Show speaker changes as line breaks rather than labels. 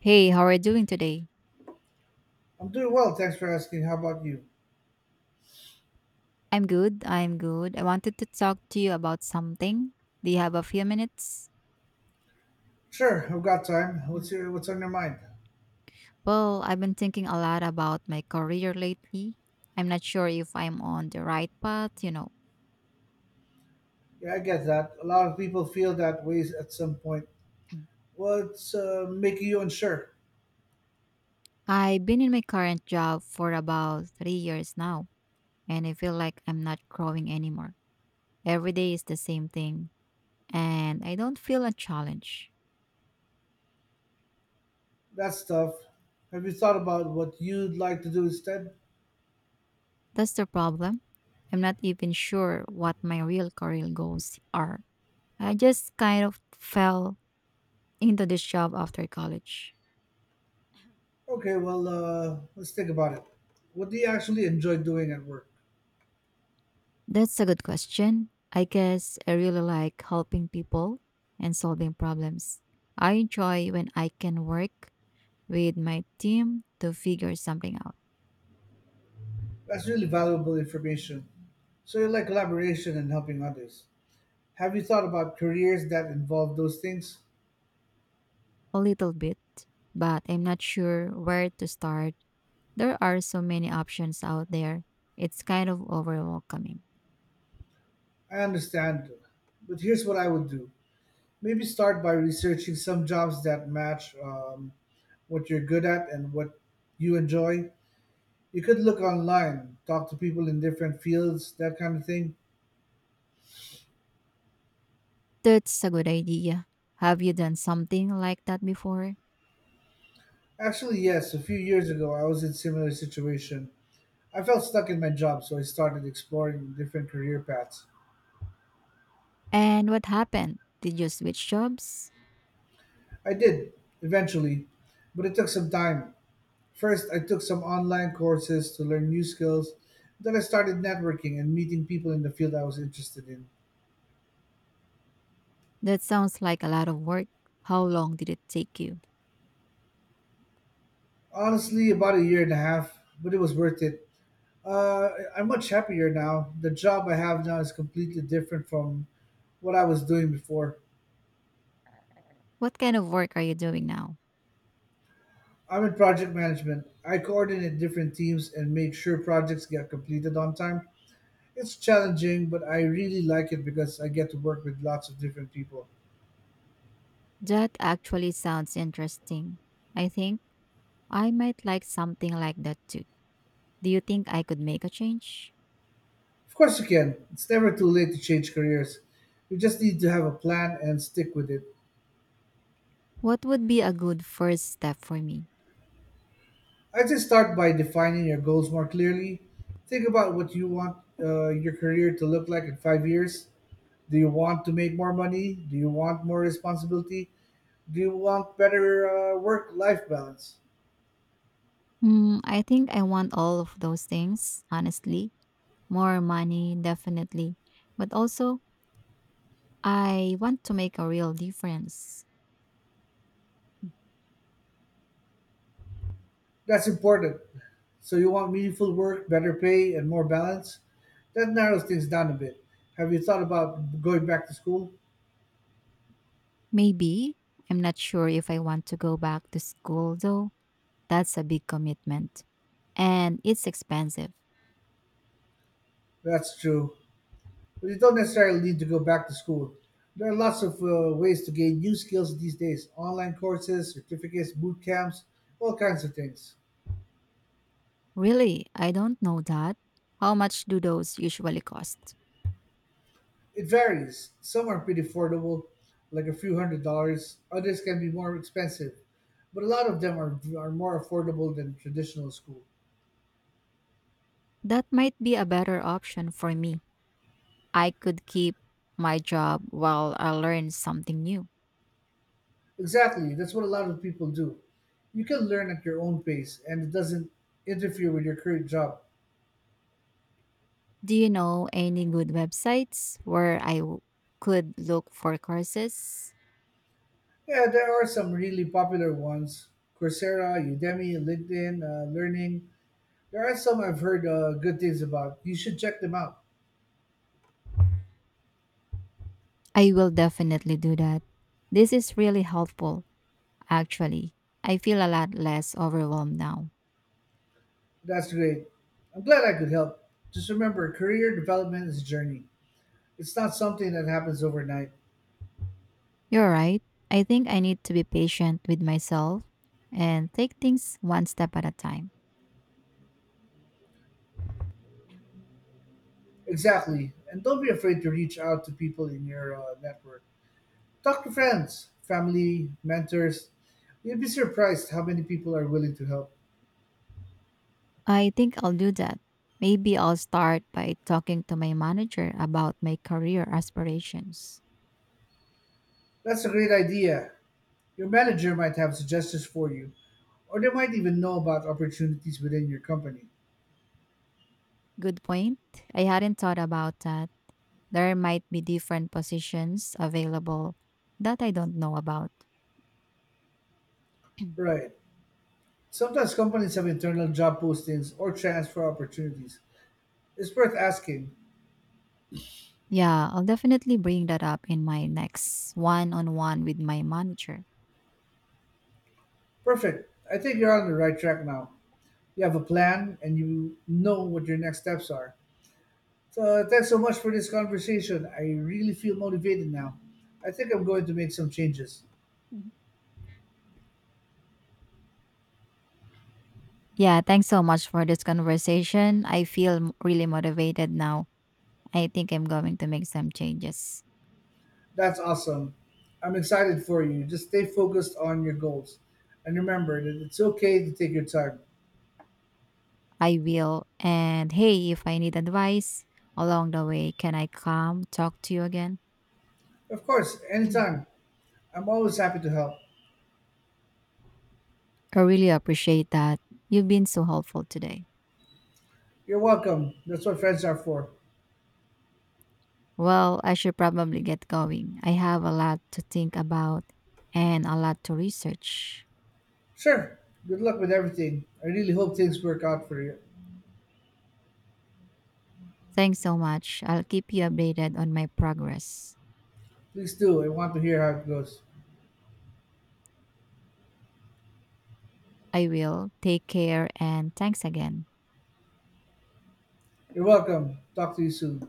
Hey, how are you doing today?
I'm doing well, thanks for asking. How about you?
I'm good. I'm good. I wanted to talk to you about something. Do you have a few minutes?
Sure, I've got time.
Mm.
What's on your mind?
Well, I've been thinking a lot about my career lately. I'm not sure if I'm on the right path.
Yeah, I get that. A lot of people feel that way at some point.
Mm.
What's making you unsure?
I've been in my current job for about 3 years now, and I feel like I'm not growing anymore. Every day is the same thing, and I don't feel a challenge.
That's tough. Have you thought about what you'd like to do instead?
That's the problem. I'm not even sure what my real career goals are. I just kind of fell into this job after college.
Okay, let's think about it. What do you actually enjoy doing at work?
That's a good question. I guess I really like helping people and solving problems. I enjoy when I can work with my team to figure something out
That's really valuable information. So you like collaboration and helping others. Have you thought about careers that involve those things?
a little bit, but I'm not sure where to start. There are so many options out there. It's kind of overwhelming.
I understand, but here's what I would do. Maybe start by researching some jobs that match what you're good at and what you enjoy. You could look online, talk to people in different fields, that kind of thing.
That's a good idea. Have you done something like that before?
Actually, yes, a few years ago I was in similar situation. I felt stuck in my job, so I started exploring different career paths.
And what happened? Did you switch jobs?
I did eventually, but it took some time. First, I took some online courses to learn new skills. Then I started networking and meeting people in the field I was interested in.
That sounds like a lot of work. How long did it take you?
Honestly, about a year and a half, but it was worth it. Uh, I'm much happier now. The job I have now is completely different from what I was doing before.
What kind of work are you doing now?
I'm in project management. I coordinate different teams and make sure projects get completed on time. It's challenging, but I really like it because I get to work with lots of different people.
That actually sounds interesting. I think I might like something like that too. Do you think I could make a change?
Of course, you can. It's never too late to change careers. You just need to have a plan and stick with it.
What would be a good first step for me?
I'd say start by defining your goals more clearly. Think about what you want your career to look like in 5 years. Do you want to make more money? Do you want more responsibility? Do you want better work life balance?
Hmm, I think I want all of those things, honestly. More money, definitely. But also, I want to make a real difference.
That's important. So, you want meaningful work, better pay, and more balance? That narrows things down a bit. Have you thought about going back to school?
Maybe. I'm not sure if I want to go back to school though. That's a big commitment. And it's expensive.
That's true. But you don't necessarily need to go back to school. There are lots of ways to gain new skills these days online courses, certificates, boot camps, all kinds of things.
Really, I don't know that. How much do those usually cost?
It varies. Some are pretty affordable, like a few hundred dollars, others can be more expensive, but a lot of them are more affordable than traditional school.
That might be a better option for me. I could keep my job while I learn something new.
Exactly, that's what a lot of people do. You can learn at your own pace, and it doesn't interfere with your current job.
Do you know any good websites where could look for courses?
Yeah, there are some really popular ones Coursera, Udemy, LinkedIn, Learning. There are some I've heard good things about. You should check them out.
I will definitely do that. This is really helpful, actually. I feel a lot less overwhelmed now.
That's great. I'm glad I could help. Just remember, career development is a journey. It's not something that happens overnight.
You're right. I think I need to be patient with myself and take things one step at a time.
Exactly. And don't be afraid to reach out to people in your network. Talk to friends, family, mentors. You'd be surprised how many people are willing to help.
I think I'll do that. Maybe I'll start by talking to my manager about my career aspirations.
That's a great idea. Your manager might have suggestions for you. Or they might even know about opportunities within your company.
Good point. I hadn't thought about that. There might be different positions available that I don't know about.
Right. Sometimes companies have internal job postings or transfer opportunities. It's worth asking.
Yeah, I'll definitely bring that up in my next one on one with my manager.
Perfect. I think you're on the right track now. You have a plan and you know what your next steps are. So thanks so much for this conversation. I really feel motivated now. I think I'm going to make some changes.
Yeah, thanks so much for this conversation. Really motivated now. I think I'm going to make some changes.
That's awesome. I'm excited for you. Just stay focused on your goals. And remember that it's okay to take your time.
I will. And hey, if I need advice along the way, can I come talk to you again?
Of course, anytime. I'm always happy to help.
I really appreciate that. You've been so helpful today.
You're welcome. That's what friends are for.
Well, I should probably get going. I have a lot to think about and a lot to research.
Sure. Good luck with everything. I really hope things work out for you.
Thanks so much. I'll keep you updated on my progress.
Please do. I want to hear how it goes.
I will. Take care and thanks again.
You're welcome. Talk to you soon.